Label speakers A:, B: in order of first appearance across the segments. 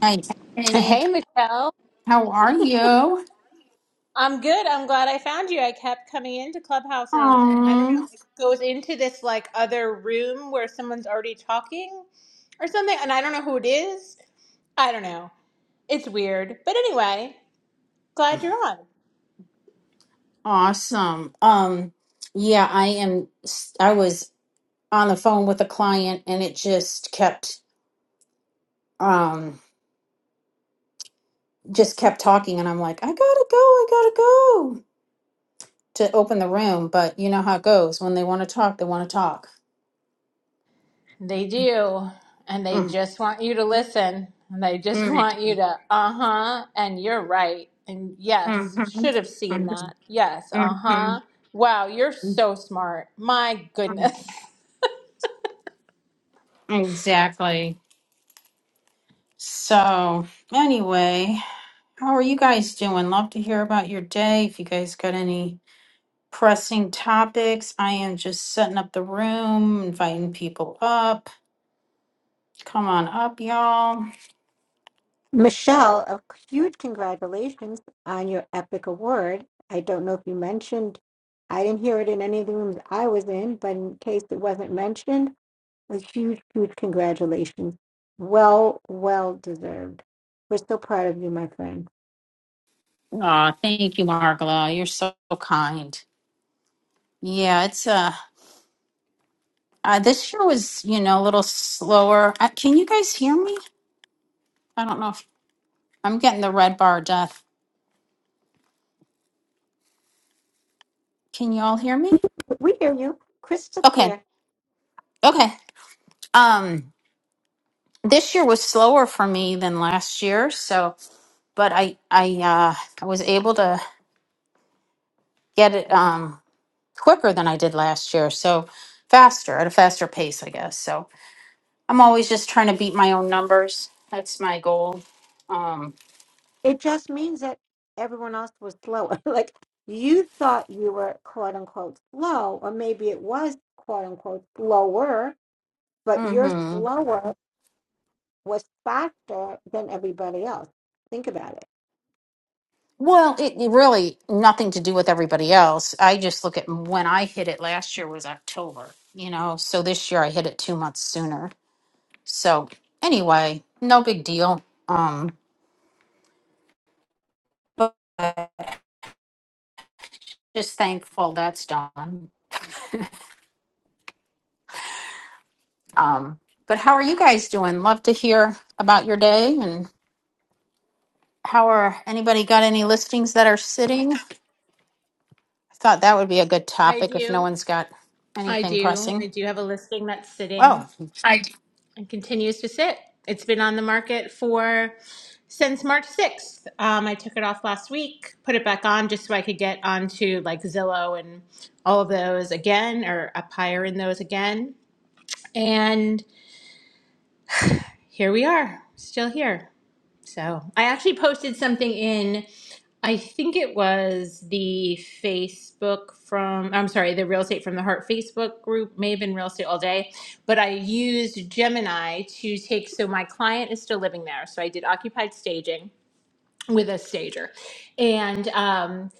A: Hey, hey,
B: Hey, Michelle.
A: how are you?
B: I'm good. I'm glad I found you. I kept coming into Clubhouse and I don't know,
A: Um,
B: it goes into this like other room where someone's already talking or something, and I don't know who it is. I don't know. It's weird. But anyway, glad you're on.
A: awesome. Um, yeah, I am. I was on the phone with a client, and it just kept, um, just kept talking, and I'm like, I gotta go, I gotta go to open the room, but you know how it goes. When they want to talk, they want to talk.
B: They do. And they
A: Mm,
B: just want you to listen. And they just
A: mm,
B: want you to, uh huh, and you're right. And yes, should
A: mhm,
B: have
A: mhm,
B: seen that. Yes, uh huh.
A: mhm,
B: Wow, you're so smart. My
A: mhm.
B: goodness.
A: Exactly. So, anyway. How are you guys doing? Love to hear about your day. If you guys got any pressing topics, I am just setting up the room, inviting people up. Come on up, y'all.
C: Michelle, a huge congratulations on your epic award. I don't know if you mentioned, I didn't hear it in any of the rooms I was in, but in case it wasn't mentioned, a huge, huge congratulations. Well, well deserved. We're so proud of you, my friend.
A: Aw, thank you, Margola. You're so kind. Yeah, it's uh, uh this year was, you know, a little slower. Uh, can you guys hear me? I don't know if I'm getting the red bar of death. Can you all hear me?
C: We hear you crystal
A: Okay.
C: clear.
A: Okay. Um this year was slower for me than last year, so but I I uh, I was able to get it um, quicker than I did last year, so faster at a faster pace, I guess. So I'm always just trying to beat my own numbers. That's my goal. Um,
C: It just means that everyone else was slower. like you thought you were quote unquote slow, or maybe it was quote unquote slower, but you're
A: hmm
C: slower was faster than everybody else. Think about it.
A: Well, it, it really nothing to do with everybody else. I just look at when I hit it last year was October, you know. So this year I hit it two months sooner. So anyway, no big deal. Um, but just thankful that's done. Um, but how are you guys doing? Love to hear about your day and how are anybody got any listings that are sitting? I thought that would be a good
B: I
A: topic if no
B: do.
A: one's got
B: I
A: anything
B: do.
A: pressing.
B: I do have a listing that's sitting
A: Oh, I do.
B: and continues to sit. It's been on the market for since March 6th. Um, I took it off last week, put it back on just so I could get onto like Zillow and all of those again or up higher in those again. And here we are, still here. So I actually posted something in, I think it was the Facebook from, I'm sorry, the Real Estate from the Heart Facebook group, may have been Real Estate All Day, but I used Gemini to take, so my client is still living there. So I did occupied staging with a stager. And um,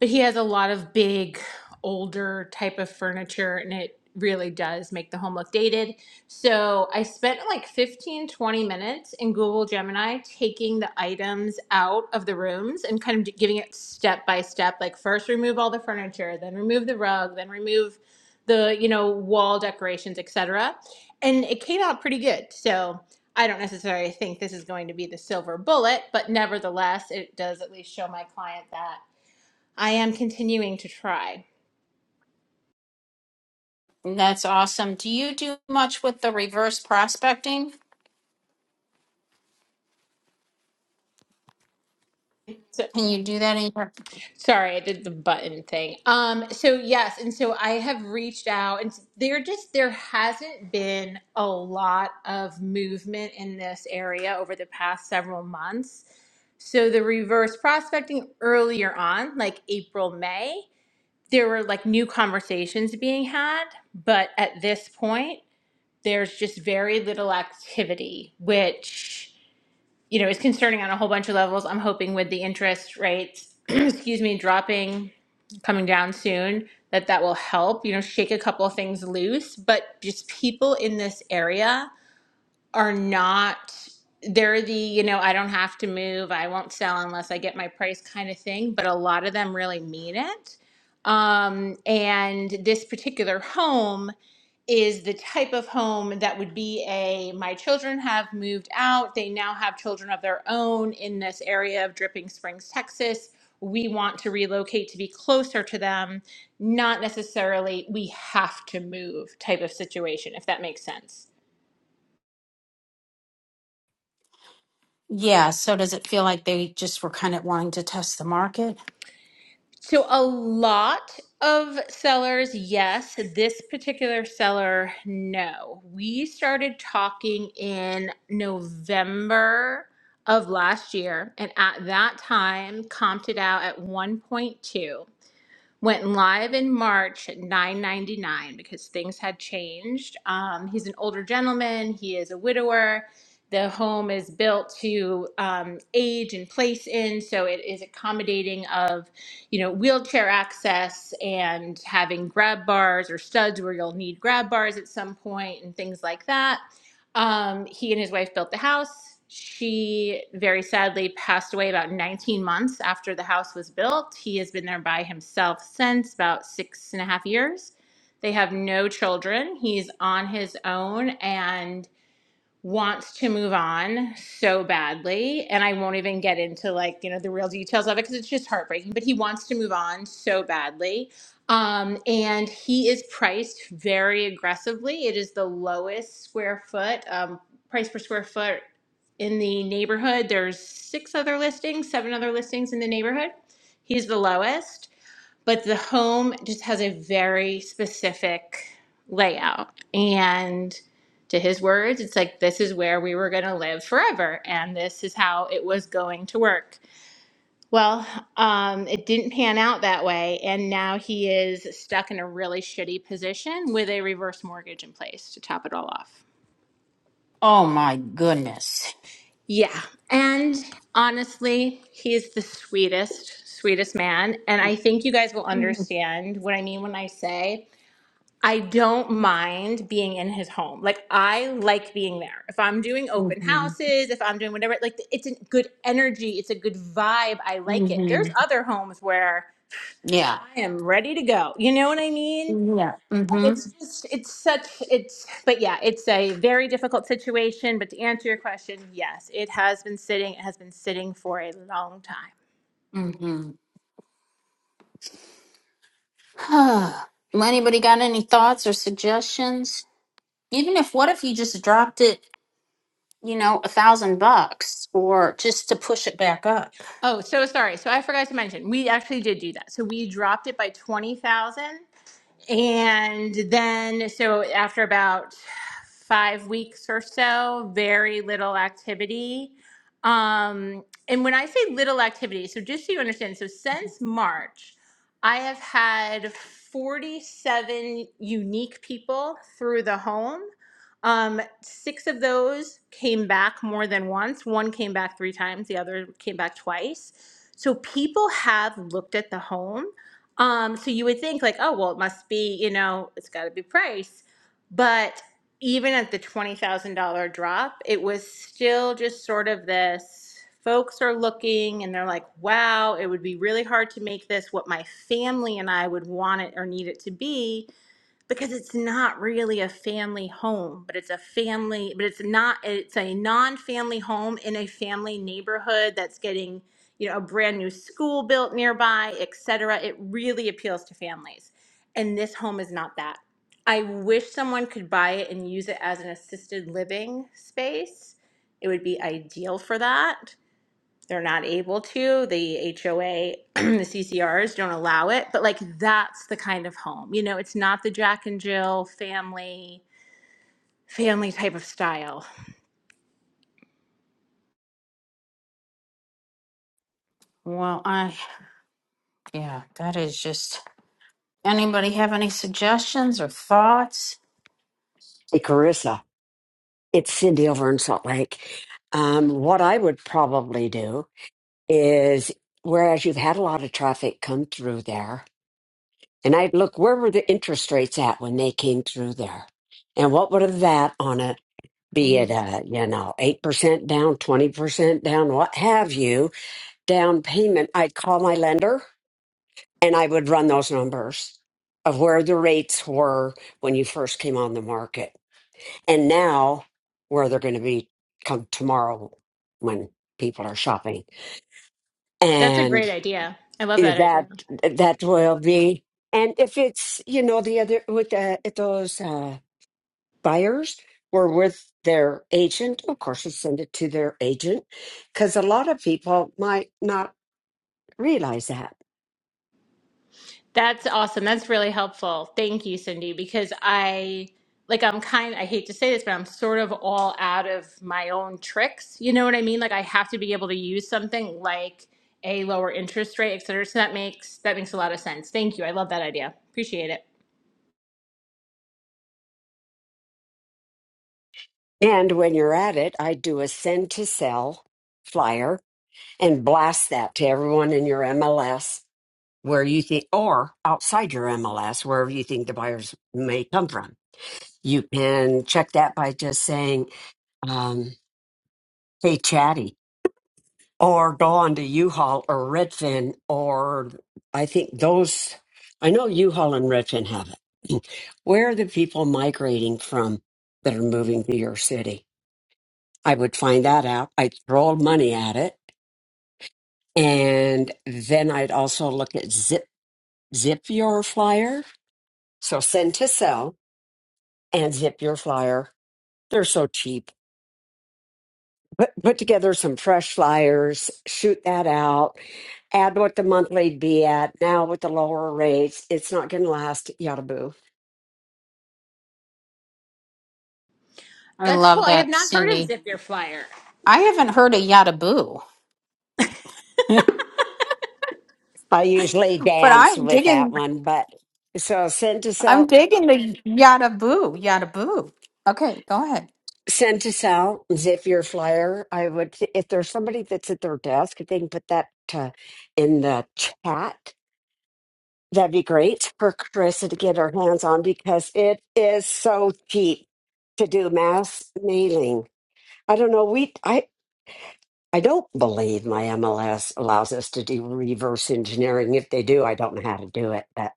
B: but he has a lot of big older type of furniture and it really does make the home look dated so i spent like 15 20 minutes in google gemini taking the items out of the rooms and kind of giving it step by step like first remove all the furniture then remove the rug then remove the you know wall decorations etc and it came out pretty good so i don't necessarily think this is going to be the silver bullet but nevertheless it does at least show my client that I am continuing to try.
A: that's awesome. Do you do much with the reverse prospecting?
B: So,
A: Can you do that in your?
B: sorry, I did the button thing. Um, so yes, and so I have reached out, and there just there hasn't been a lot of movement in this area over the past several months. So the reverse prospecting earlier on, like April, May, there were like new conversations being had, but at this point, there's just very little activity, which you know, is concerning on a whole bunch of levels. I'm hoping with the interest rates, excuse me, dropping, coming down soon, that that will help, you know, shake a couple of things loose. But just people in this area are not, they're the, you know, I don't have to move, I won't sell unless I get my price kind of thing. But a lot of them really mean it. Um, and this particular home is the type of home that would be a my children have moved out. They now have children of their own in this area of Dripping Springs, Texas. We want to relocate to be closer to them, not necessarily we have to move type of situation, if that makes sense.
A: Yeah. So does it feel like they just were kind of wanting to test the market?
B: So a lot of sellers, yes. This particular seller, no. We started talking in November of last year, and at that time, comped it out at 1.2 went live in March at 9.99 because things had changed. Um, he's an older gentleman. He is a widower. The home is built to um, age and place in, so it is accommodating of, you know, wheelchair access and having grab bars or studs where you'll need grab bars at some point and things like that. Um, he and his wife built the house. She very sadly passed away about 19 months after the house was built. He has been there by himself since about six and a half years. They have no children. He's on his own and wants to move on so badly and i won't even get into like you know the real details of it because it's just heartbreaking but he wants to move on so badly um, and he is priced very aggressively it is the lowest square foot um, price per square foot in the neighborhood there's six other listings seven other listings in the neighborhood he's the lowest but the home just has a very specific layout. And to his words, it's like, this is where we were going to live forever, and this is how it was going to work. Well, um, it didn't pan out that way, and now he is stuck in a really shitty position with a reverse mortgage in place to top it all off.
A: Oh my goodness.
B: Yeah. And honestly, he is the sweetest, sweetest man. And I think you guys will
A: hmm
B: understand what I mean when I say I don't mind being in his home. Like I like being there. If I'm doing open
A: hmm
B: houses, if I'm doing whatever, like it's a good energy, it's a good vibe. I like it. There's other homes where
A: Yeah.
B: I am ready to go. You know what I mean?
A: Yeah.
B: And
A: hmm
B: It's just it's such it's but yeah, it's a very difficult situation, but to answer your question, yes, it has been sitting, it has been sitting for a long time.
A: hmm Well, anybody got any thoughts or suggestions? Even if, what if you just dropped it, you know, a thousand bucks or just to push it back up?
B: Oh, so sorry. So I forgot to mention, we actually did do that. So we dropped it by 20,000 And then, so after about five weeks or so, very little activity. Um, and when I say little activity, so just so you understand, so since March, I have had 47 unique people through the home. Um, six of those came back more than once. One came back three times, the other came back twice. So people have looked at the home um, so you would think like, oh well, it must be, you know, it's got to be price, but even at the twenty thousand dollar drop, it was still just sort of this. Folks are looking and they're like, wow, it would be really hard to make this what my family and I would want it or need it to be because it's not really a family home, but it's a family, but it's not, it's a non family home in a family neighborhood that's getting, you know, a brand new school built nearby, et cetera. It really appeals to families. And this home is not that. I wish someone could buy it and use it as an assisted living space. It would be ideal for that they're not able to. The HOA, the CCRs don't allow it. But like that's the kind of home. You know, it's not the Jack and Jill family family type of style.
A: Well, I, yeah, that is just. Anybody have any suggestions or thoughts?
D: Hey, Carissa, it's Cindy over in Salt Lake. Um, what I would probably do is, whereas you've had a lot of traffic come through there, and I'd look where were the interest rates at when they came through there, and what would have that on a be it
B: Mm.
D: a you know eight percent down, twenty percent down, what have you, down payment? I'd call my lender and I would run those numbers of where the rates were when you first came on the market and now where they're going to be come tomorrow when people are shopping
B: That's a
D: and
B: great idea. I love that
D: that
B: idea.
D: that will be and if it's you know the other with the if those uh buyers were with their agent of course you send it to their agent because a lot of people might not realize that
B: That's awesome. That's really helpful. Thank you, Cindy, because I like I'm kind I hate to say this, but I'm sort of all out of my own tricks. You know what I mean? Like I have to be able to use something like a lower interest rate, et cetera. So that makes that makes a lot of sense. Thank you. I love that idea. Appreciate it.
D: and when you're at it i do a send to sell flyer and blast that to everyone in your mls where you think, or outside your MLS, wherever you think the buyers may come from. You can check that by just saying, um, hey, Chatty, or go on to U-Haul or Redfin, or I think those, I know U-Haul and Redfin have it. Where are the people migrating from that are moving to your city? I would find that out. I'd throw money at it. And then I'd also look at Zip, Zip Your Flyer. So send to sell and zip your flyer. They're so cheap. Put, put together some fresh flyers, shoot that out, add what the monthly'd be at. Now with the lower rates, it's not going to last. Yada boo.
A: I
B: That's cool.
A: love
B: I have
A: that,
B: not heard
A: Cindy.
B: of Zip Your Flyer.
A: I haven't heard a yada boo, but
D: I usually dance
A: I'm
D: with that
A: digging.
D: one, but so send to
A: I'm
D: sell,
A: digging the yada boo, yada boo. Okay, go ahead.
D: send to sell, zip your flyer. I would if there's somebody that's at their desk, if they can put that uh in the chat That'd be great for Carissa to get her hands on because it is so cheap to do mass mailing. I don't know. We I I don't believe my MLS allows us to do reverse engineering. If they do, I don't know how to do it. But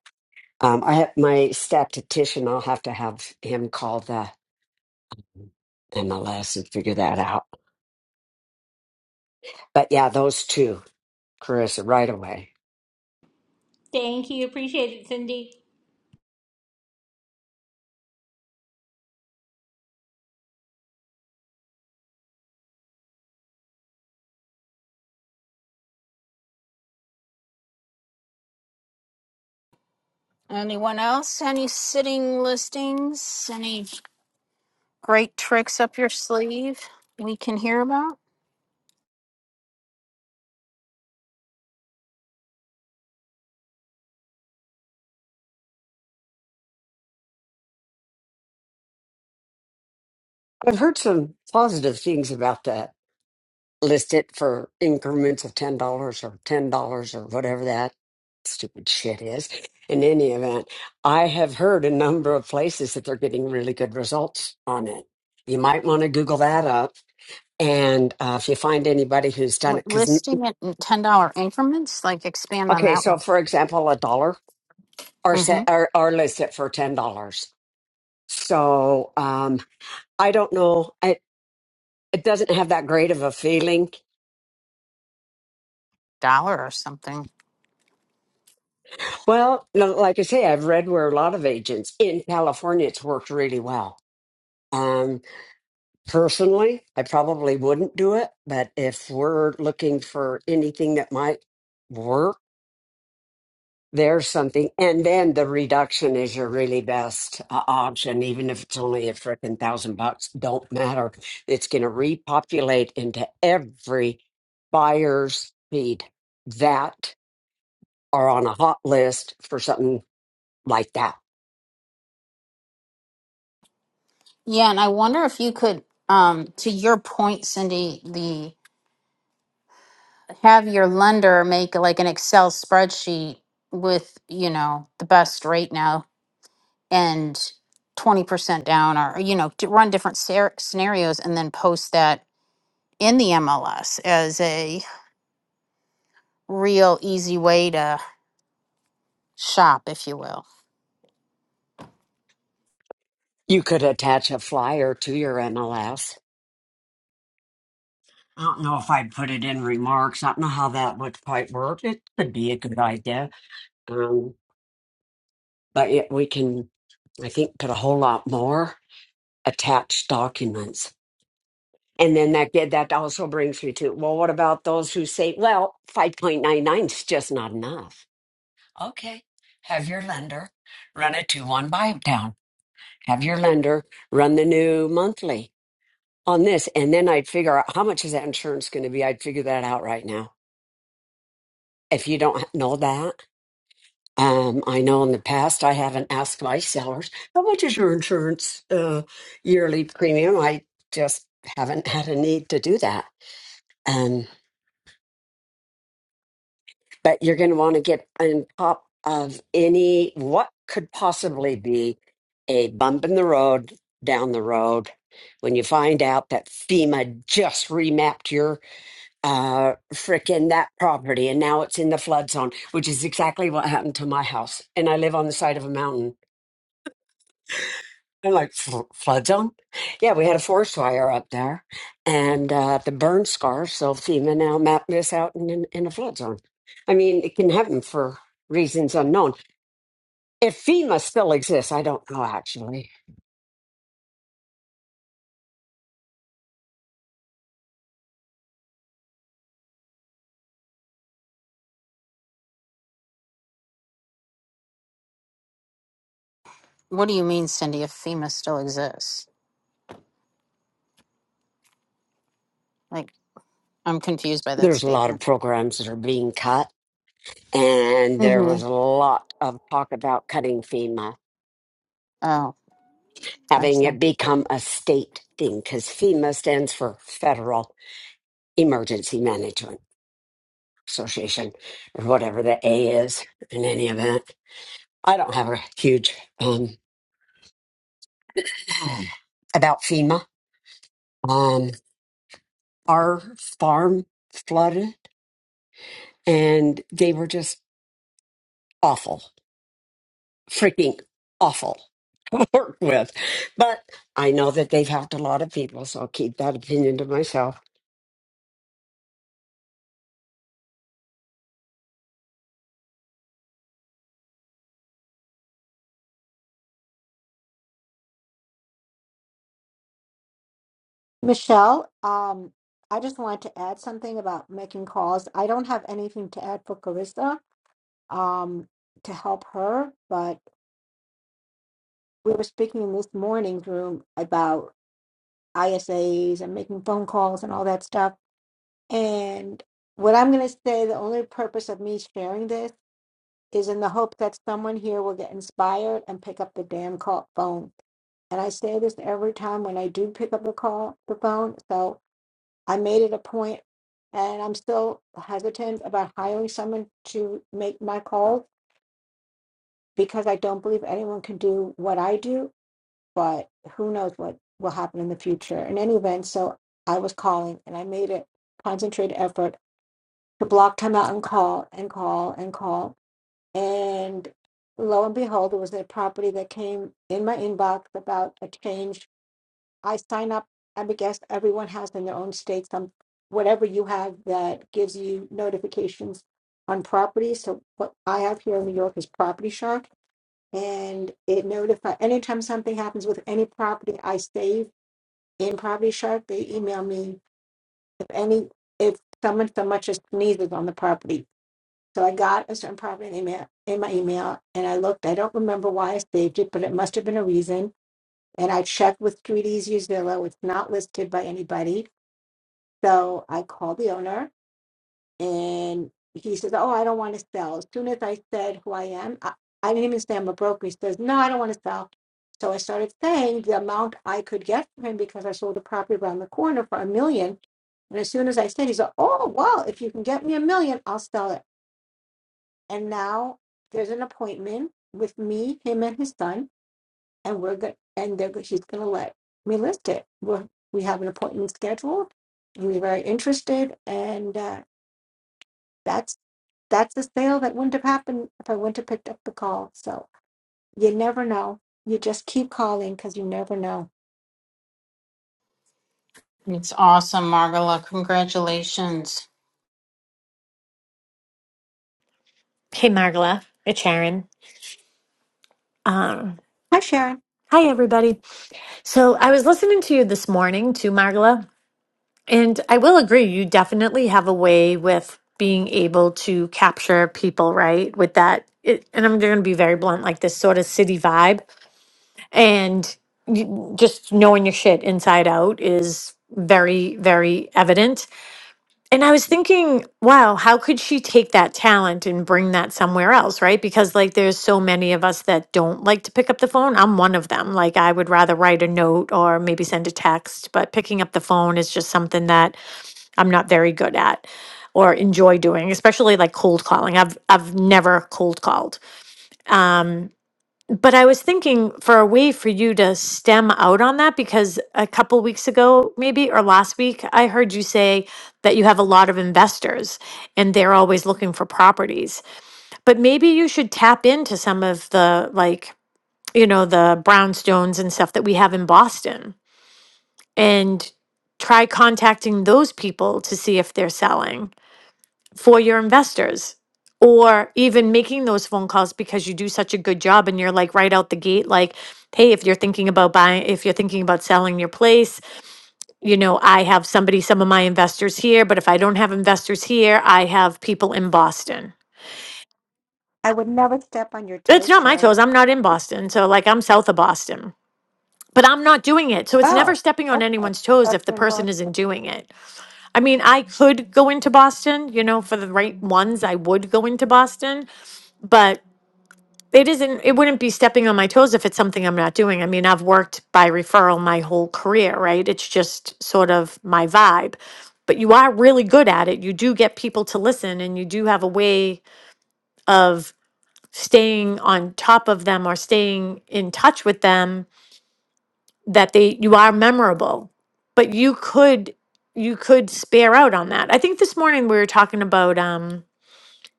D: um, I have my statistician. I'll have to have him call the MLS and figure that out. But yeah, those two, Carissa, right away.
B: Thank you. Appreciate it, Cindy.
A: Anyone else? Any sitting listings? Any great tricks up your sleeve we can hear about?
D: I've heard some positive things about that. list it for increments of ten dollars or ten dollars or whatever that stupid shit is. In any event, I have heard a number of places that they're getting really good results on it. You might want to Google that up, and uh, if you find anybody who's done it,
A: What
D: because
A: listing it in ten dollar increments? Like expand on
D: okay,
A: that
D: so
A: one.
D: for example, a dollar or set
A: Mm-hmm.
D: or, or list it for ten dollars. So um, I don't know. It, it doesn't have that great of a feeling
A: Dollar or something.
D: Well, no, like I say, I've read where a lot of agents in California, it's worked really well. Um, personally, I probably wouldn't do it, but if we're looking for anything that might work, there's something. And then the reduction is your really best uh, option, even if it's only a frickin' thousand bucks, don't matter. It's going to repopulate into every buyer's feed that are on a hot list for something like that
A: Yeah, and I wonder if you could, um, to your point, Cindy, the. have your lender make like an Excel spreadsheet with, you know, the best rate now and 20% down or, you know, to run different scer- scenarios and then post that in the MLS as a real easy way to shop, if you will.
D: You could attach a flyer to your MLS. I don't know if I'd put it in remarks. I don't know how that would quite work. It could be a good idea. Um, but it, we can, I think, put a whole lot more attached documents. And then that get that also brings me to well, what about those who say, well, five point nine nine is just not enough? Okay, have your lender run a two one buy down. Have your lender run the new monthly on this, and then I'd figure out how much is that insurance going to be. I'd figure that out right now. If you don't know that, um, I know in the past I haven't asked my sellers how much is your insurance uh, yearly premium. I just haven't had a need to do that. Um, but you're going to want to get on top of any what could possibly be a bump in the road down the road when you find out that FEMA just remapped your uh frickin' that property and now it's in the flood zone which is exactly what happened to my house and i live on the side of a mountain i'm like "Fl- flood zone yeah we had a forest fire up there and uh the burn scar. so fema now mapped this out in, in, in a flood zone i mean it can happen for reasons unknown if fema still exists i don't know actually
A: What do you mean, Cindy, if FEMA still exists? Like, I'm confused by that
D: there's a lot of
A: statement.
D: programs that are being cut and there
A: Mm-hmm.
D: was a lot of talk about cutting fema
A: Oh,
D: having
A: gotcha.
D: it become a state thing because FEMA stands for Federal Emergency Management Association or whatever the A is in any event. I don't have a huge um, about FEMA. Um, our farm flooded and they were just awful, freaking awful to work with. But I know that they've helped a lot of people, so I'll keep that opinion to myself.
C: Michelle, um, I just wanted to add something about making calls. I don't have anything to add for Carissa um, to help her, but we were speaking in this morning's room about ISAs and making phone calls and all that stuff. And what I'm going to say, the only purpose of me sharing this is in the hope that someone here will get inspired and pick up the damn call phone and I say this every time when I do pick up the call, the phone. So I made it a point, and I'm still hesitant about hiring someone to make my calls because I don't believe anyone can do what I do. But who knows what will happen in the future? In any event, so I was calling, and I made a concentrated effort to block time out and call and call and call. And lo and behold, it was a property that came in my inbox about a change I sign up. I mean, guess everyone has in their own state some whatever you have that gives you notifications on property. So what I have here in New York is Property Shark, and it notify anytime something happens with any property I save in Property Shark, they email me if any if someone so much as sneezes on the property. So I got a certain property in email in my email, and I looked. I don't remember why I saved it, but it must have been a reason and I checked with Treaties Use Zillow. It's not listed by anybody. So I called the owner and he says, Oh, I don't want to sell. As soon as I said who I am, I, I didn't even say I'm a broker. He says, No, I don't want to sell. So I started saying the amount I could get for him because I sold a property around the corner for a million. And as soon as I said, he's like, Oh, well, if you can get me a million, I'll sell it. And now there's an appointment with me, him, and his son and we're good and they're good she's gonna let me list it we're, we have an appointment scheduled and we're very interested and uh, that's that's the sale that wouldn't have happened if i wouldn't have picked up the call so you never know you just keep calling because you never know
A: It's awesome, Margola. Congratulations.
E: Hey, Margola. It's Sharon. Um,
C: hi sharon
E: hi, everybody. So I was listening to you this morning, to Margola, and I will agree, you definitely have a way with being able to capture people, right? With that, it, and I'm going to be very blunt, like this sort of city vibe. And you, just knowing your shit inside out is very, very evident. And I was thinking, wow, how could she take that talent and bring that somewhere else, right? Because like there's so many of us that don't like to pick up the phone. I'm one of them. Like I would rather write a note or maybe send a text, but picking up the phone is just something that I'm not very good at or enjoy doing, especially like cold calling. I've I've never cold called. Um but I was thinking for a way for you to stem out on that because a couple weeks ago, maybe, or last week, I heard you say that you have a lot of investors and they're always looking for properties. But maybe you should tap into some of the, like, you know, the brownstones and stuff that we have in Boston and try contacting those people to see if they're selling for your investors or even making those phone calls because you do such a good job and you're like right out the gate like hey if you're thinking about buying if you're thinking about selling your place you know i have somebody some of my investors here but if i don't have investors here i have people in boston
C: i would never step on your
E: it's
C: toes
E: not my toes
C: sharon
E: i'm not in boston so like i'm south of boston but i'm not doing it so it's never
C: oh
E: stepping on
C: okay
E: anyone's
C: I
E: toes
C: thought
E: if the
C: you were involved.
E: person isn't doing it i mean i could go into boston you know for the right ones i would go into boston but It isn't, it wouldn't be stepping on my toes if it's something I'm not doing. I mean, I've worked by referral my whole career, right? It's just sort of my vibe. But you are really good at it. You do get people to listen and you do have a way of staying on top of them or staying in touch with them that they you are memorable. But you could you could spare out on that. I think this morning we were talking about um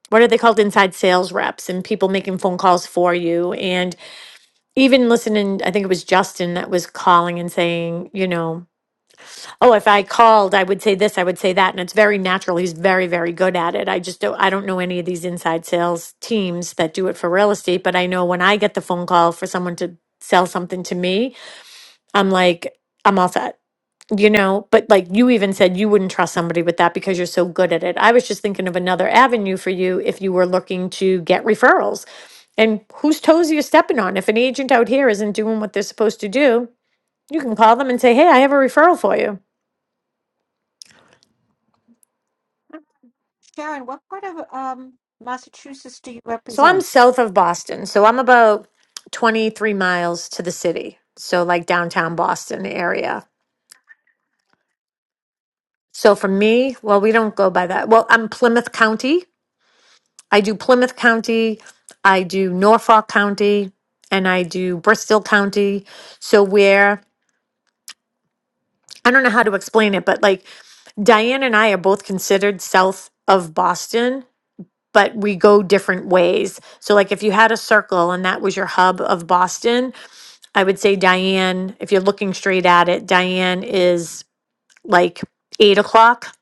E: what are they called inside sales reps and people making phone calls for you and. even listening, I think it was Justin that was calling and saying, you know, oh, if I called, I would say this, I would say that. And it's very natural. He's very, very good at it. I just don't, I don't know any of these inside sales teams that do it for real estate, but I know when I get the phone call for someone to sell something to me, I'm like, I'm all set you know but like you even said you wouldn't trust somebody with that because you're so good at it i was just thinking of another avenue for you if you were looking to get referrals and whose toes are you stepping on if an agent out here isn't doing what they're supposed to do you can call them and say hey i have a referral for you
C: sharon what part of um massachusetts do you
E: so i'm
C: represent
E: south of boston so i'm about 23 miles to the city so like downtown boston area so for me well we don't go by that well i'm plymouth county I do Plymouth County, I do Norfolk County, and I do Bristol County. So where I don't know how to explain it, but like Diane and I are both considered south of Boston, but we go different ways. So like if you had a circle and that was your hub of Boston, I would say Diane, if you're looking straight at it, Diane is like eight o'clock.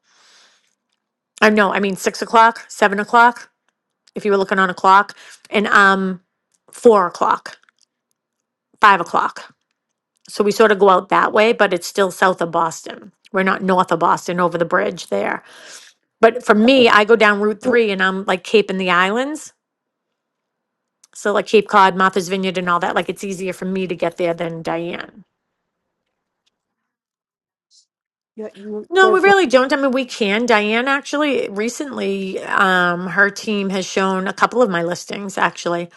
E: I no, I mean six o'clock, seven o'clock, if you were looking on a clock. And um four o'clock. five o'clock. So we sort of go out that way, but it's still south of Boston. We're not north of Boston over the bridge there. But for me,
C: Oh,
E: I go down Route
C: you,
E: 3 and I'm like Cape in the Islands. So like Cape Cod, Martha's Vineyard, and all that. Like it's easier for me to get there than Diane.
C: you,
E: No,
C: you,
E: we really don't. I mean, we can. Diane actually recently, um, her team has shown a couple of my listings actually.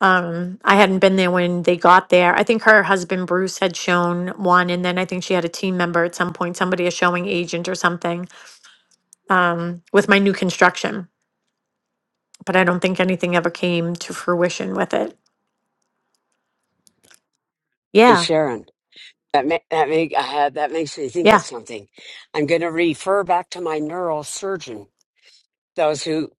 E: Um, I hadn't been there when they got there. I think her husband Bruce had shown one, and then I think she had a team member at some point, somebody a showing agent or something. um, with my new construction, but I don't think anything ever came to fruition with it.
D: Hey,
E: Yeah,
D: Sharon. That ma- that make I that makes me think of
E: yeah.
D: something. I'm going to refer back to my neurosurgeon. Those who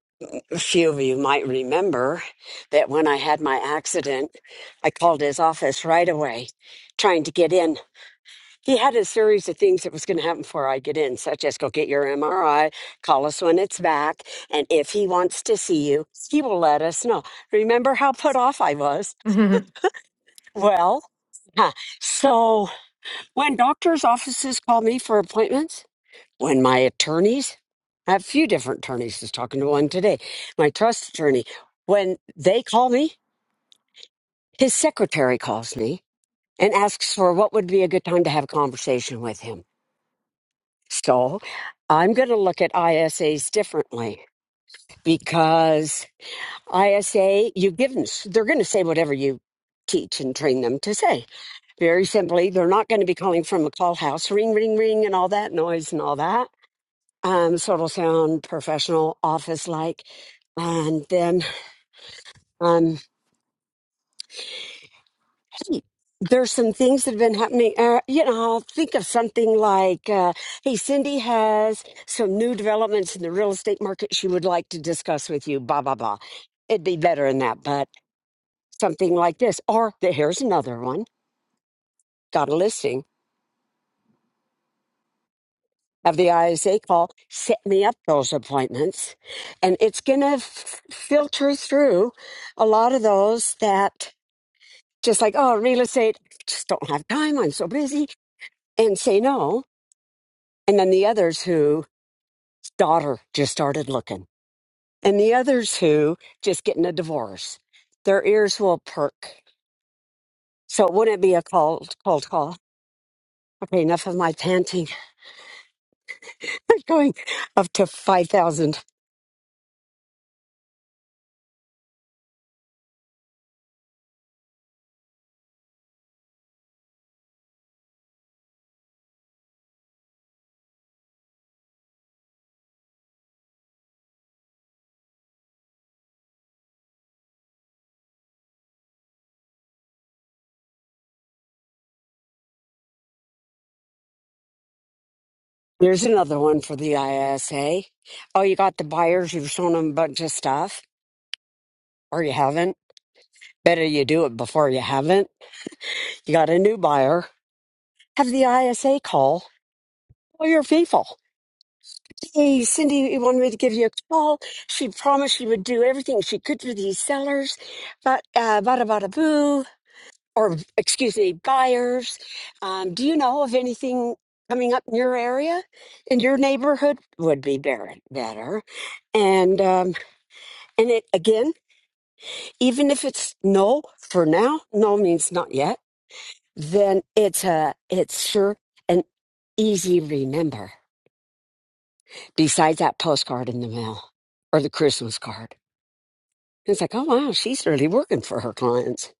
D: a few of you might remember that when I had my accident, I called his office right away, trying to get in. He had a series of things that was going to happen before I get in, such as go get your MRI, call us when it's back, and if he wants to see you, he will let us know. Remember how put off I was?
E: hmm
D: Well, huh, so when doctors' offices call me for appointments. when my attorneys, I have a few different attorneys, just talking to one today, my trust attorney, when they call me, his secretary calls me and asks for what would be a good time to have a conversation with him. So I'm going to look at ISAs differently because ISA, you give them, they're going to say whatever you teach and train them to say. Very simply, they're not going to be calling from a call house, ring, ring, ring, and all that noise and all that um, sort of sound professional, office like. And then, um, hey, there's some things that have been happening. Uh, you know, I'll think of something like, uh, hey, Cindy has some new developments in the real estate market she would like to discuss with you, blah, blah, blah. It'd be better than that, but something like this. Or the, here's another one got a listing. of the ISA call, set me up those appointments. And it's going to f- filter through a lot of those that just like, oh, real estate, just don't have time. I'm so busy, and say no. And then the others who daughter just started looking, and the others who just getting a divorce, their ears will perk. So wouldn't it be a cold, cold call? Okay, enough of my panting. I'm going up to five thousand. There's another one for the ISA. Oh, you got the buyers. You've shown them a bunch of stuff, or you haven't. Better you do it before you haven't. You got a new buyer. Have the ISA call Oh, you're faithful. Hey, Cindy wanted me to give you a call. She promised she would do everything she could for these sellers, but uh, bada bada boo, or excuse me, buyers. Um, do you know of anything coming up in your area? In your neighborhood would be better. better. And um, and it again, even if it's no for now, no means not yet. Then it's a it's sure an easy remember. besides that postcard in the mail or the Christmas card. It's like, oh wow, she's really working for her clients.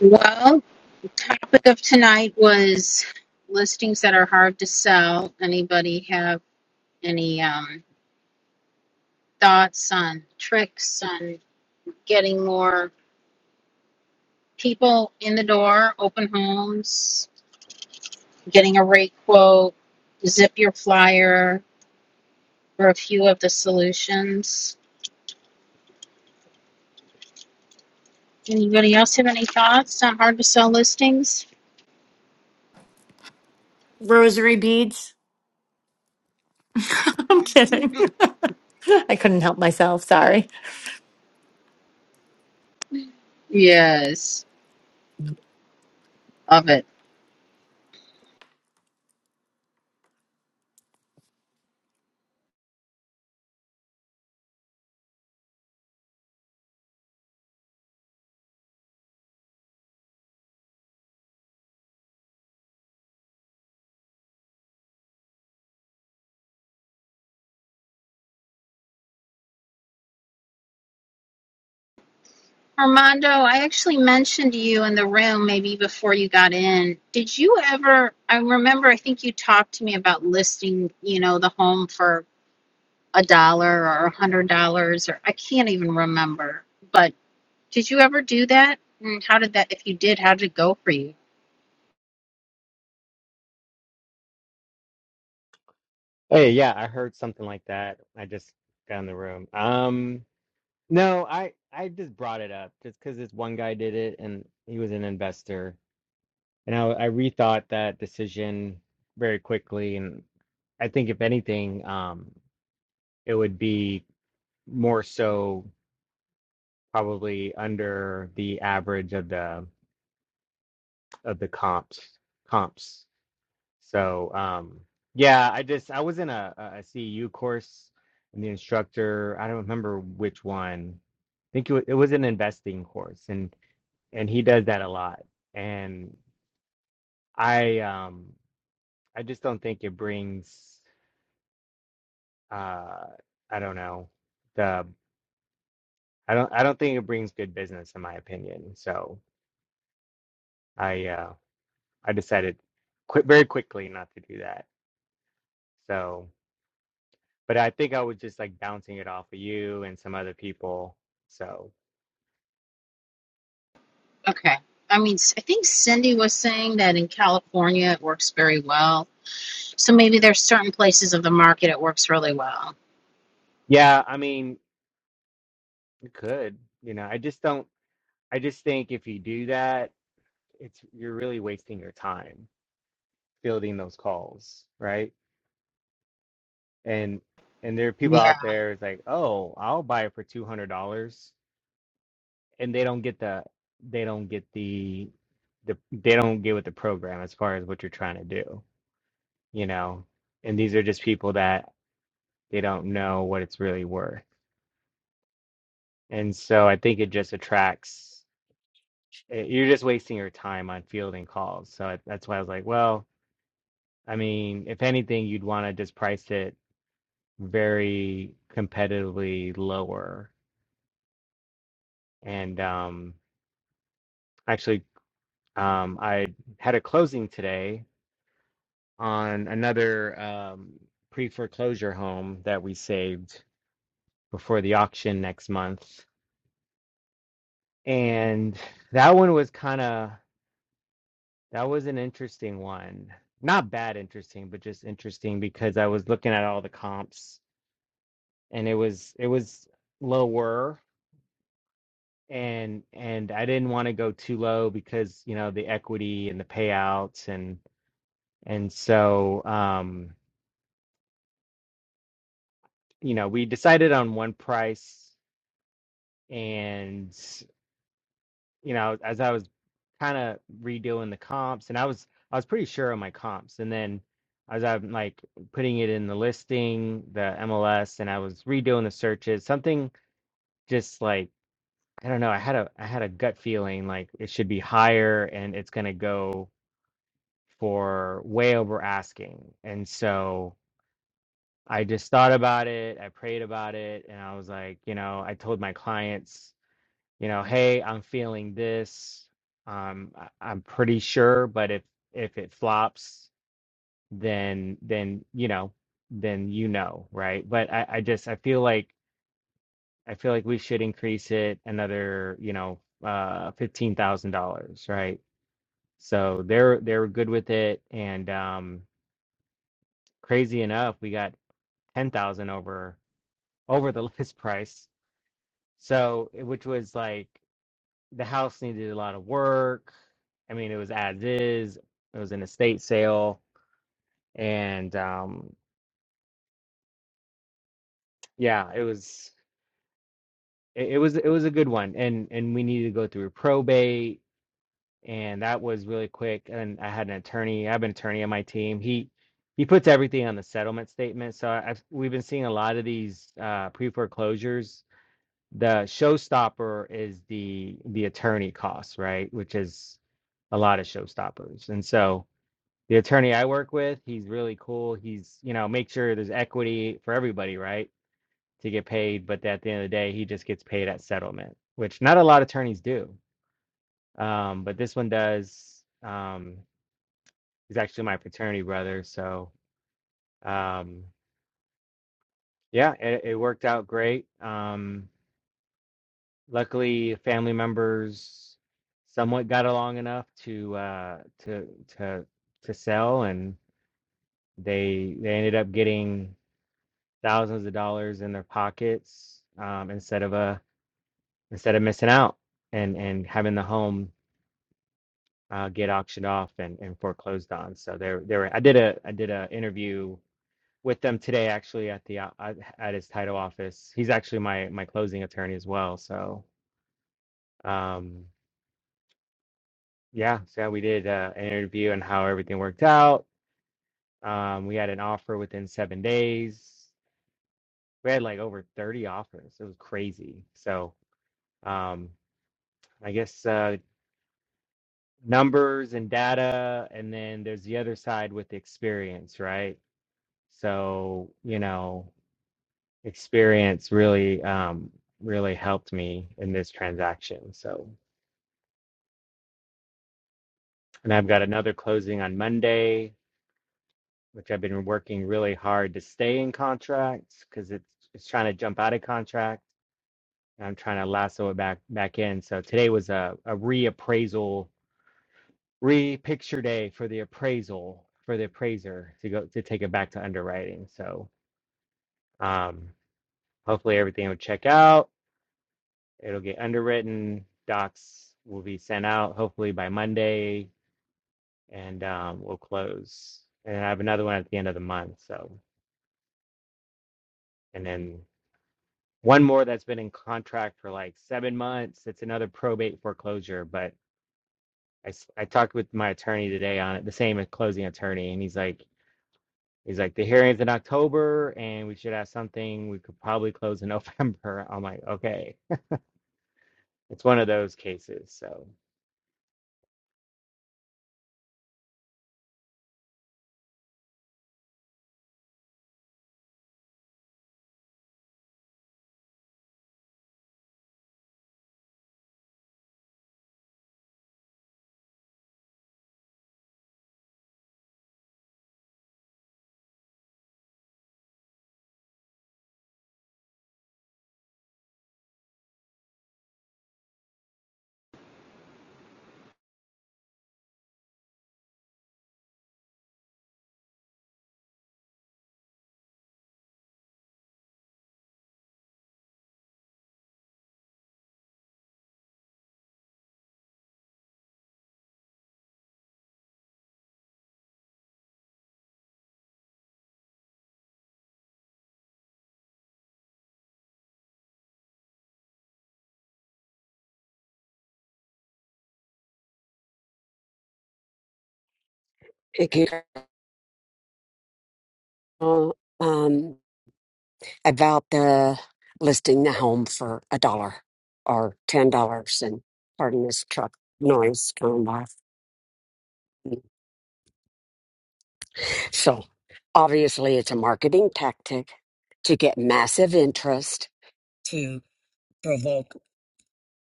A: Well. Topic of tonight was listings that are hard to sell. Anybody have any um, thoughts on tricks on getting more people in the door, open homes, getting a rate quote, zip your flyer for a few of the solutions? Anybody else have any thoughts on hard to sell listings?
E: Rosary beads. I'm kidding. I couldn't help myself. Sorry.
A: Yes, love it. Armando, I actually mentioned you in the room maybe before you got in. Did you ever? I remember, I think you talked to me about listing, you know, the home for a dollar or a hundred dollars, or I can't even remember. But did you ever do that? And how did that, if you did, how did it go for you?
F: Hey, yeah, I heard something like that. I just got in the room. Um, no, I I just brought it up just because this one guy did it and he was an investor, and I I rethought that decision very quickly, and I think if anything, um, it would be more so probably under the average of the of the comps comps. So um yeah, I just I was in a, a CEU course and the instructor, I don't remember which one. I think it was, it was an investing course and and he does that a lot. And I um I just don't think it brings uh I don't know the I don't I don't think it brings good business in my opinion. So I uh I decided quit very quickly not to do that. So but I think I was just like bouncing it off of you and some other people. So
A: Okay. I mean, I think Cindy was saying that in California it works very well. So maybe there's certain places of the market it works really well.
F: yeah, I mean, you could, you know, I just don't, I just think if you do that, it's you're really wasting your time fielding those calls, right? And and there are people out there it's like, oh, I'll buy it for two hundred dollars, and they don't get the, they don't get the, the they don't get with the program as far as what you're trying to do, you know. And these are just people that they don't know what it's really worth And so I think it just attracts, eh, you're just wasting your time on fielding calls. So I- that's why I was like, well, I mean, if anything, you'd want to just price it very competitively lower. And um, actually, um, I had a closing today on another um, pre-foreclosure home that we saved before the auction next month. And that one was kind of That was an interesting one. Not bad interesting, but just interesting because I was looking at all the comps and it was it was lower and and I didn't want to go too low because, you know, the equity and the payouts and and so um you know, we decided on one price and you know, as I was kind of redoing the comps, and I was I was pretty sure on my comps, and then as I'm like putting it in the listing, the MLS, and I was redoing the searches, something just like I don't know, I had a I had a gut feeling like it should be higher, and it's gonna go for way over asking, and so. I just thought about it. I prayed about it, and I was like, you know, I told my clients you know, hey, I'm feeling this. Um, I, I'm pretty sure, but if if it flops, then then you know, then you know, right? But I, I just I feel like I feel like we should increase it another, you know, uh, fifteen thousand dollars, right? So they're they're good with it, and um, crazy enough, we got ten thousand over over the list price. So eh, which was like. the house needed a lot of work. I mean, it was as is. It was an estate sale, and um, yeah, it was it, it was it was a good one. And and we needed to go through probate, and that was really quick. And I had an attorney. I have an attorney on my team. He he puts everything on the settlement statement. So I, I've, we've been seeing a lot of these uh, pre foreclosures. The showstopper is the the attorney costs, right? Which is a lot of showstoppers, and so the attorney I work with, he's really cool. He's, you know, make sure there's equity for everybody, right? To get paid. But at the end of the day, he just gets paid at settlement, which not a lot of attorneys do. Um, but this one does. Um, he's actually my fraternity brother. So, um, yeah, it, it worked out great. Um, luckily, family members somewhat got along enough to, uh, to, to, to sell and they, they ended up getting thousands of dollars in their pockets um, instead of a instead of missing out and and having the home uh, get auctioned off and, and foreclosed on. So there there I did a I did a interview with them today actually at the o- at his title office. He's actually my my closing attorney as well. So um, yeah, so yeah, we did uh, an interview and how everything worked out. Um, we had an offer within seven days. We had like over 30 offers. It was crazy. So um, I guess uh, numbers and data and then there's the other side with experience right so you know experience really um really helped me in this transaction so and i've got another closing on monday which i've been working really hard to stay in contracts because it's it's trying to jump out of contract and i'm trying to lasso it back back in so today was a, a reappraisal re-picture day for the appraisal for the appraiser to go to take it back to underwriting. So um, hopefully everything will check out. It'll get underwritten. Docs will be sent out hopefully by Monday, and um, we'll close. And I have another one at the end of the month. So and then one more that's been in contract for like seven months. It's another probate foreclosure, but. I, s- I talked with my attorney today on it, the same closing attorney, and he's like, He's like, the hearing's in October and we should have something. We could probably close in November. I'm like, okay, it's one of those cases. So
D: Thank you. know, Um, about the listing the home for a dollar or ten dollars, and pardon this truck noise going by. So obviously, it's a marketing tactic to get massive interest to provoke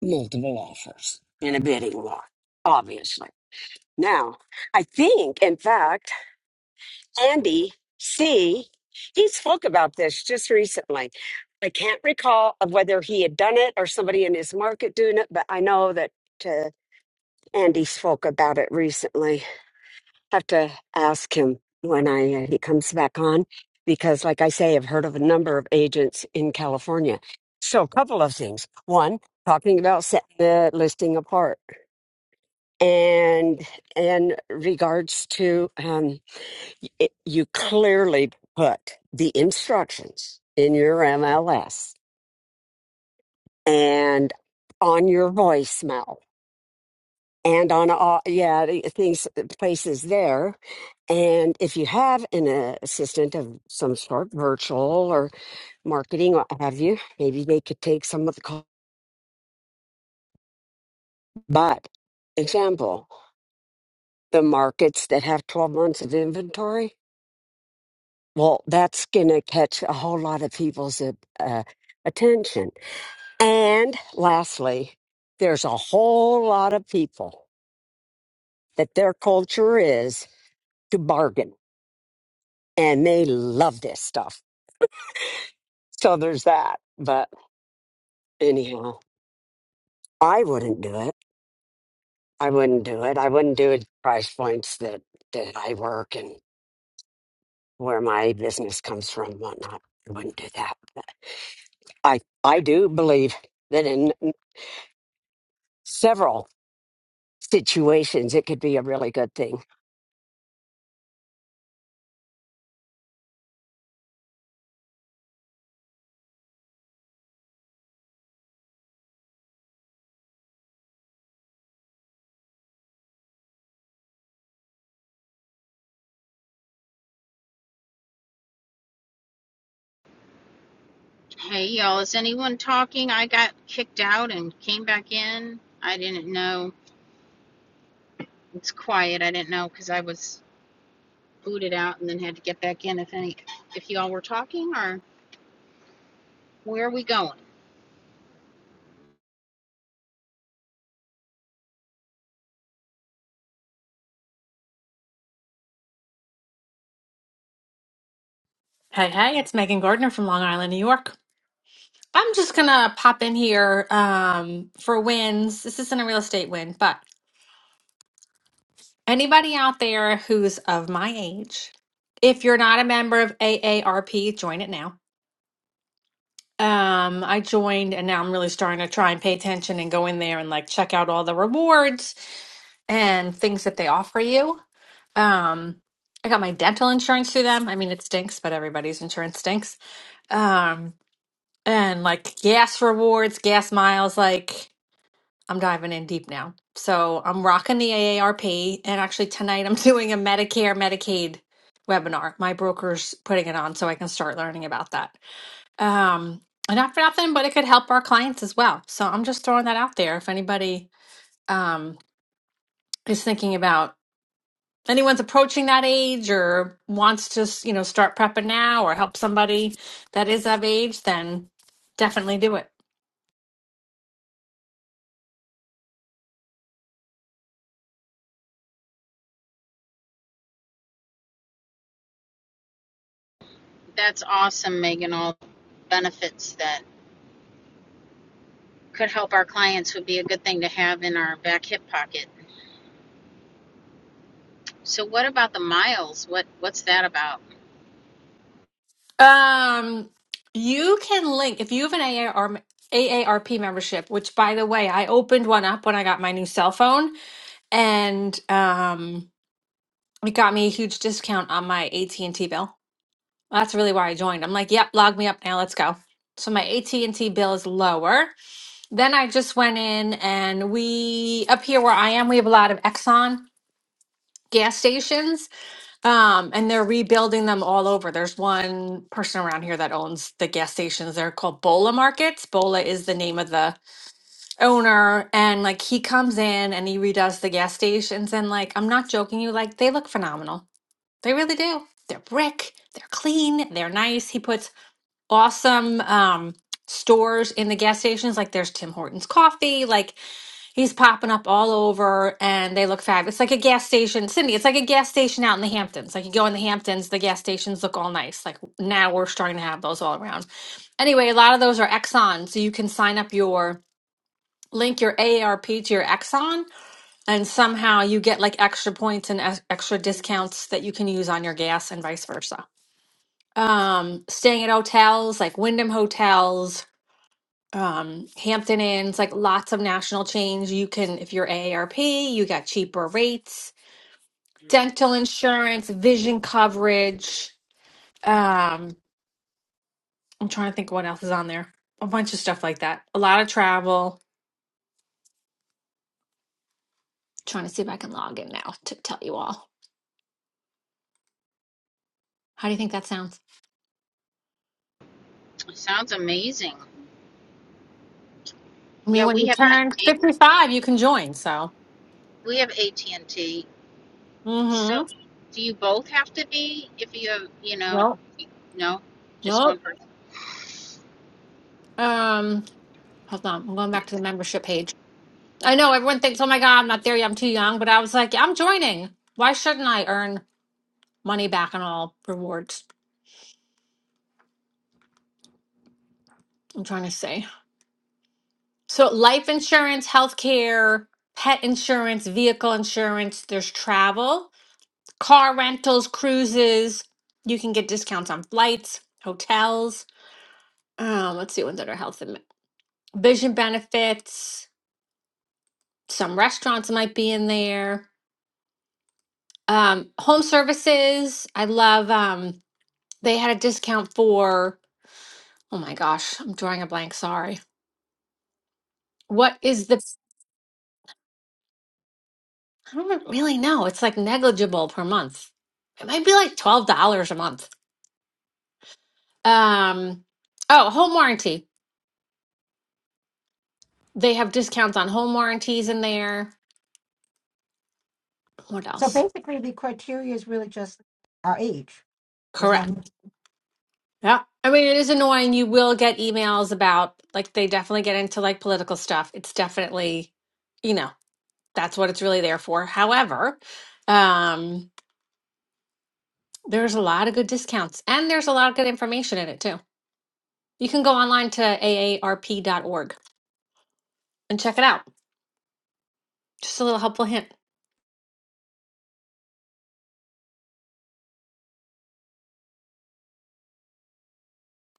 D: multiple offers in a bidding war. Obviously. Now, I think, in fact, Andy C. He spoke about this just recently. I can't recall of whether he had done it or somebody in his market doing it, but I know that uh, Andy spoke about it recently. Have to ask him when I uh, he comes back on because, like I say, I've heard of a number of agents in California. So, a couple of things. One, talking about setting the listing apart, and in regards to. Um, it, you clearly put the instructions in your MLS and on your voicemail and on all yeah the things places there and if you have an uh, assistant of some sort virtual or marketing what have you maybe they could take some of the call but example the markets that have 12 months of inventory well that's gonna catch a whole lot of people's uh, uh, attention And lastly, there's a whole lot of people that their culture is to bargain and they love this stuff. So there's that. But anyhow, I wouldn't do it. I wouldn't do it. I wouldn't do it price points that, that I work and where my business comes from and whatnot. I wouldn't do that. But I, I do believe that in several situations, it could be a really good thing
A: Hey y'all, is anyone talking? I got kicked out and came back in. I didn't know. It's quiet. I didn't know because I was booted out and then had to get back in. If any, if y'all were talking or where are we going?
G: Hey, hey, it's Megan Gardner from Long Island, New York. I'm just gonna pop in here um, for wins. This isn't a real estate win, but anybody out there who's of my age, if you're not a member of AARP, join it now. Um, I joined and now I'm really starting to try and pay attention and go in there and like check out all the rewards and things that they offer you. Um, I got my dental insurance through them. I mean, it stinks, but everybody's insurance stinks. Um, and like gas rewards, gas miles. Like I'm diving in deep now. So I'm rocking the AARP, and actually tonight I'm doing a Medicare Medicaid webinar. My broker's putting it on, so I can start learning about that. Um, and not for nothing, but it could help our clients as well. So I'm just throwing that out there. If anybody um, is thinking about anyone's approaching that age or wants to, you know, start prepping now or help somebody that is of age, then definitely do it.
A: That's awesome, Megan. All the benefits that could help our clients would be a good thing to have in our back hip pocket. So what about the miles? What what's that about?
G: Um, you can link if you have an AAR, AARP membership, which by the way, I opened one up when I got my new cell phone, and um, it got me a huge discount on my AT&T bill. That's really why I joined. I'm like, yep, log me up now. Let's go. So my AT&T bill is lower. Then I just went in and we up here where I am, we have a lot of Exxon gas stations um, and they're rebuilding them all over. There's one person around here that owns the gas stations. They're called Bola Markets. Bola is the name of the owner. And like he comes in and he redoes the gas stations. And like, I'm not joking you, like they look phenomenal. They really do. They're brick, they're clean, they're nice. He puts awesome um stores in the gas stations like there's Tim Hortons coffee like he's popping up all over and they look fab. It's like a gas station, Cindy. It's like a gas station out in the Hamptons. Like you go in the Hamptons, the gas stations look all nice. Like now we're starting to have those all around. Anyway, a lot of those are Exxon, so you can sign up your link your AARP to your Exxon and somehow you get like extra points and ex- extra discounts that you can use on your gas and vice versa um, staying at hotels like Wyndham Hotels, um, Hampton Inns, like lots of national chains. You can, if you're AARP, you got cheaper rates, dental insurance, vision coverage. Um, I'm trying to think what else is on there. A bunch of stuff like that. A lot of travel. Trying to see if I can log in now to tell you all. How do you think that sounds?
A: It Sounds amazing.
G: I
A: Yeah,
G: mean, when
A: we
G: you
A: have
G: turn
A: AT,
G: 55, you can join. So,
A: we have AT and T So,
G: mm-hmm.
A: do you both have to be if you have, you know,
G: Nope.
A: you- no, just one
G: Nope.
A: person?
G: Um, hold on. I'm going back to the membership page. I know everyone thinks, oh my God, I'm not there yet. I'm too young. But I was like, "Yeah, I'm joining. Why shouldn't I earn money back and all rewards? I'm trying to say. So, life insurance, healthcare, pet insurance, vehicle insurance, there's travel, car rentals, cruises. You can get discounts on flights, hotels. Um, let's see ones that are health and vision benefits. Some restaurants might be in there. Um, home services. I love um, they had a discount for Oh my gosh, I'm drawing a blank. Sorry. What is the, I don't really know. It's like negligible per month. It might be like $12 a month. Um, oh, home warranty. They have discounts on home warranties in there. What
C: so
G: else?
C: basically the criteria is really just our age as
G: Correct.
C: long
G: Yeah. I mean, it is annoying. You will get emails about, like, they definitely get into like political stuff. It's definitely, you know, that's what it's really there for. However, um, there's a lot of good discounts and there's a lot of good information in it too. You can go online to aarp.org and check it out. Just a little helpful hint.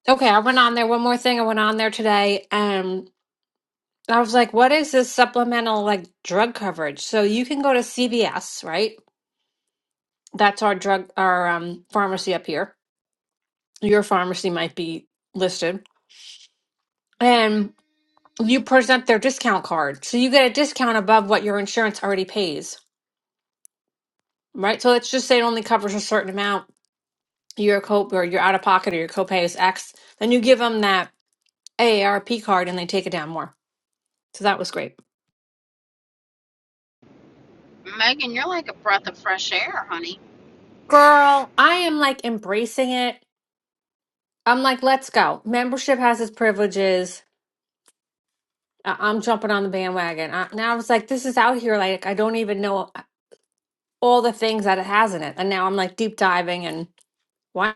G: Okay, I went on there. One more thing I went on there today. and I was like, what is this supplemental like drug coverage? So you can go to CVS, right? That's our drug, our um, pharmacy up here. Your pharmacy might be listed. And you present their discount card. So you get a discount above what your insurance already pays, right? So let's just say it only covers a certain amount. Your co or your out of pocket or your copay is X. Then you give them that AARP card and they take it down more. So that was great.
A: Megan, you're like a breath of fresh air, honey.
G: Girl, I am like embracing it. I'm like, let's go. Membership has its privileges. I- I'm jumping on the bandwagon. I- now I was like, this is out here. Like, I don't even know all the things that it has in it. And now I'm like deep diving and why?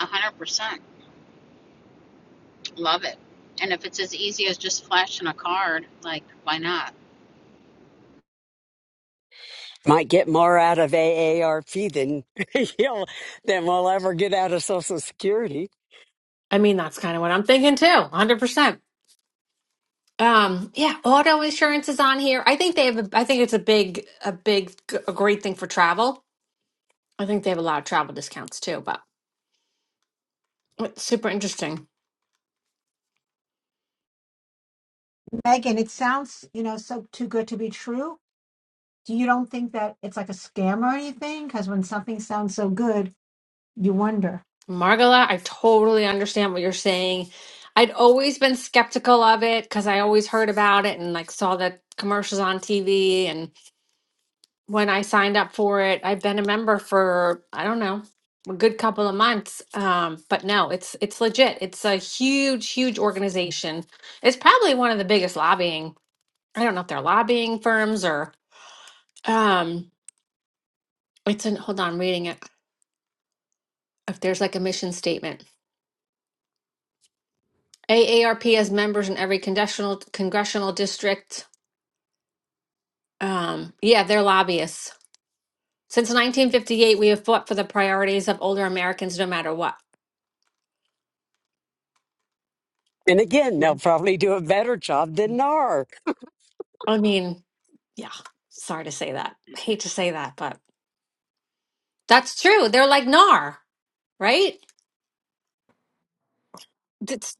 A: A 100%. Love it. And if it's as easy as just flashing a card, like, why not?
D: might get more out of AARP than you'll, than we'll ever get out of Social Security.
G: I mean, that's kind of what I'm thinking too, 100%. Um, yeah, auto insurance is on here. I think they have, a, I think it's a big, a big, a great thing for travel. I think they have a lot of travel discounts too, but it's super interesting.
C: Megan, it sounds, you know, so too good to be true. Do you don't think that it's like a scam or anything? Because when something sounds so good, you wonder.
G: Margola, I totally understand what you're saying. I'd always been skeptical of it because I always heard about it and like saw the commercials on TV. And when I signed up for it, I've been a member for, I don't know, a good couple of months. Um, but no, it's it's legit. It's a huge, huge organization. It's probably one of the biggest lobbying. I don't know if they're lobbying firms or um it's an hold on, I'm reading it. If there's like a mission statement. AARP has members in every congressional congressional district. Um, yeah, they're lobbyists. Since 1958, we have fought for the priorities of older Americans, no matter what.
D: And again, they'll
G: Mm.
D: probably do a better job than NAR.
G: I mean, yeah, sorry to say that. Hate to say that, but that's true. They're like NAR, right? That's,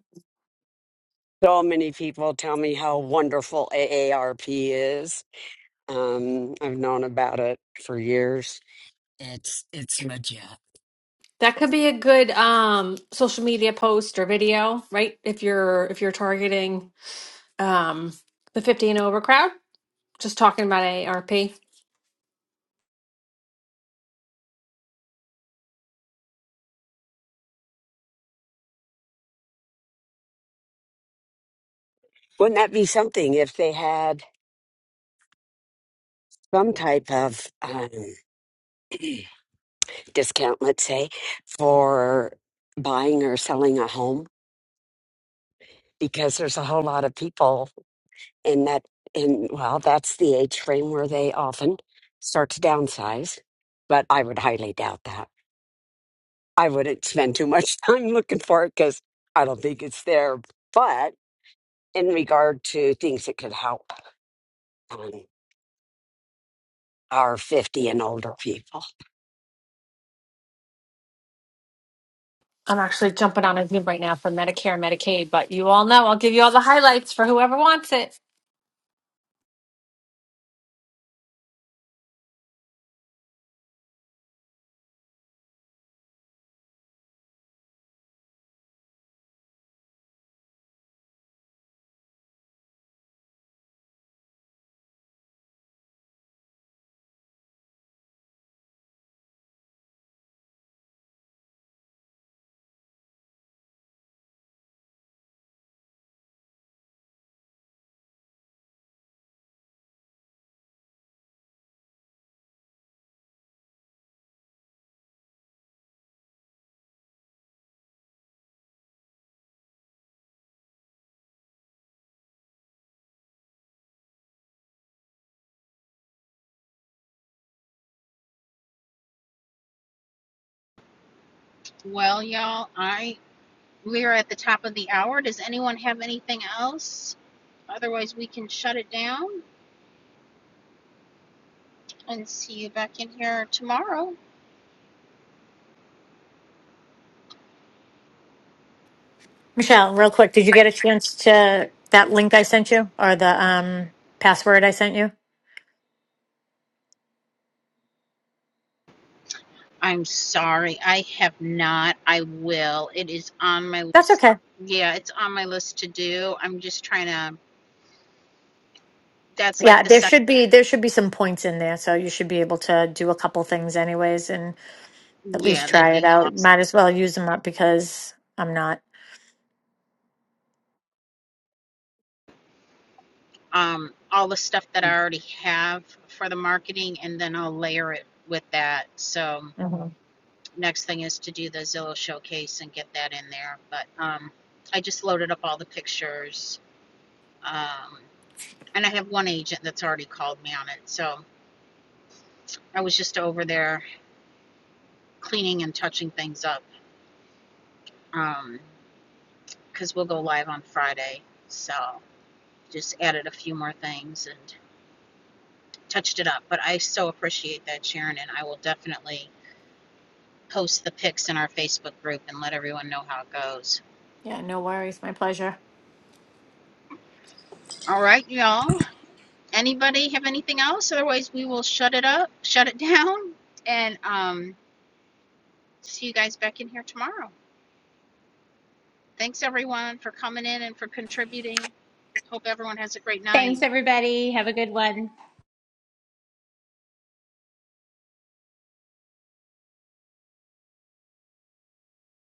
D: So many people tell me how wonderful AARP is. Um, I've known about it for years. It's it's legit.
G: that could be a good um, social media post or video, right? If you're if you're targeting um, the 50 and over crowd, just talking about AARP.
D: Wouldn't that be something if they had some type of um, discount, let's say, for buying or selling a home? Because there's a whole lot of people and that and well that's the age frame where they often start to downsize but i would highly doubt that i wouldn't spend too much time looking for it because i don't think it's there but in regard to things that could help um, our 50 and older people
G: I'm actually jumping on a Zoom right now for Medicare and Medicaid, but you all know I'll give you all the highlights for whoever wants it.
A: Well, y'all, I we are at the top of the hour. Does anyone have anything else? Otherwise, we can shut it down and see you back in here tomorrow.
E: Michelle, real quick, did you get a chance to that link I sent you or the um password I sent you?
A: I'm sorry, I have not. I will. It is on my
E: That's okay.
A: Yeah, it's on my list to do. I'm just trying to, that's
E: Yeah,
A: like the
E: there
A: second,
E: should be there should be some points in there, so you should be able to do a couple things anyways and at
A: yeah,
E: least
A: that'd
E: try
A: be
E: it out.
A: awesome.
E: Might as well use them up because I'm not.
A: Um, all the stuff that I already have for the marketing, and then I'll layer it with that. So
E: Mhm.
A: next thing is to do the Zillow showcase and get that in there. But um, I just loaded up all the pictures. Um, and I have one agent that's already called me on it. So I was just over there cleaning and touching things up Um, because we'll go live on Friday. So. just added a few more things and touched it up. But I so appreciate that, Sharon, and I will definitely post the pics in our Facebook group and let everyone know how it goes.
E: Yeah, no worries. My pleasure.
A: All right, y'all. Anybody have anything else? Otherwise, we will shut it up, shut it down, and um, see you guys back in here tomorrow. Thanks, everyone, for coming in and for contributing. Hope everyone has a great night.
B: Thanks everybody. Have a good one.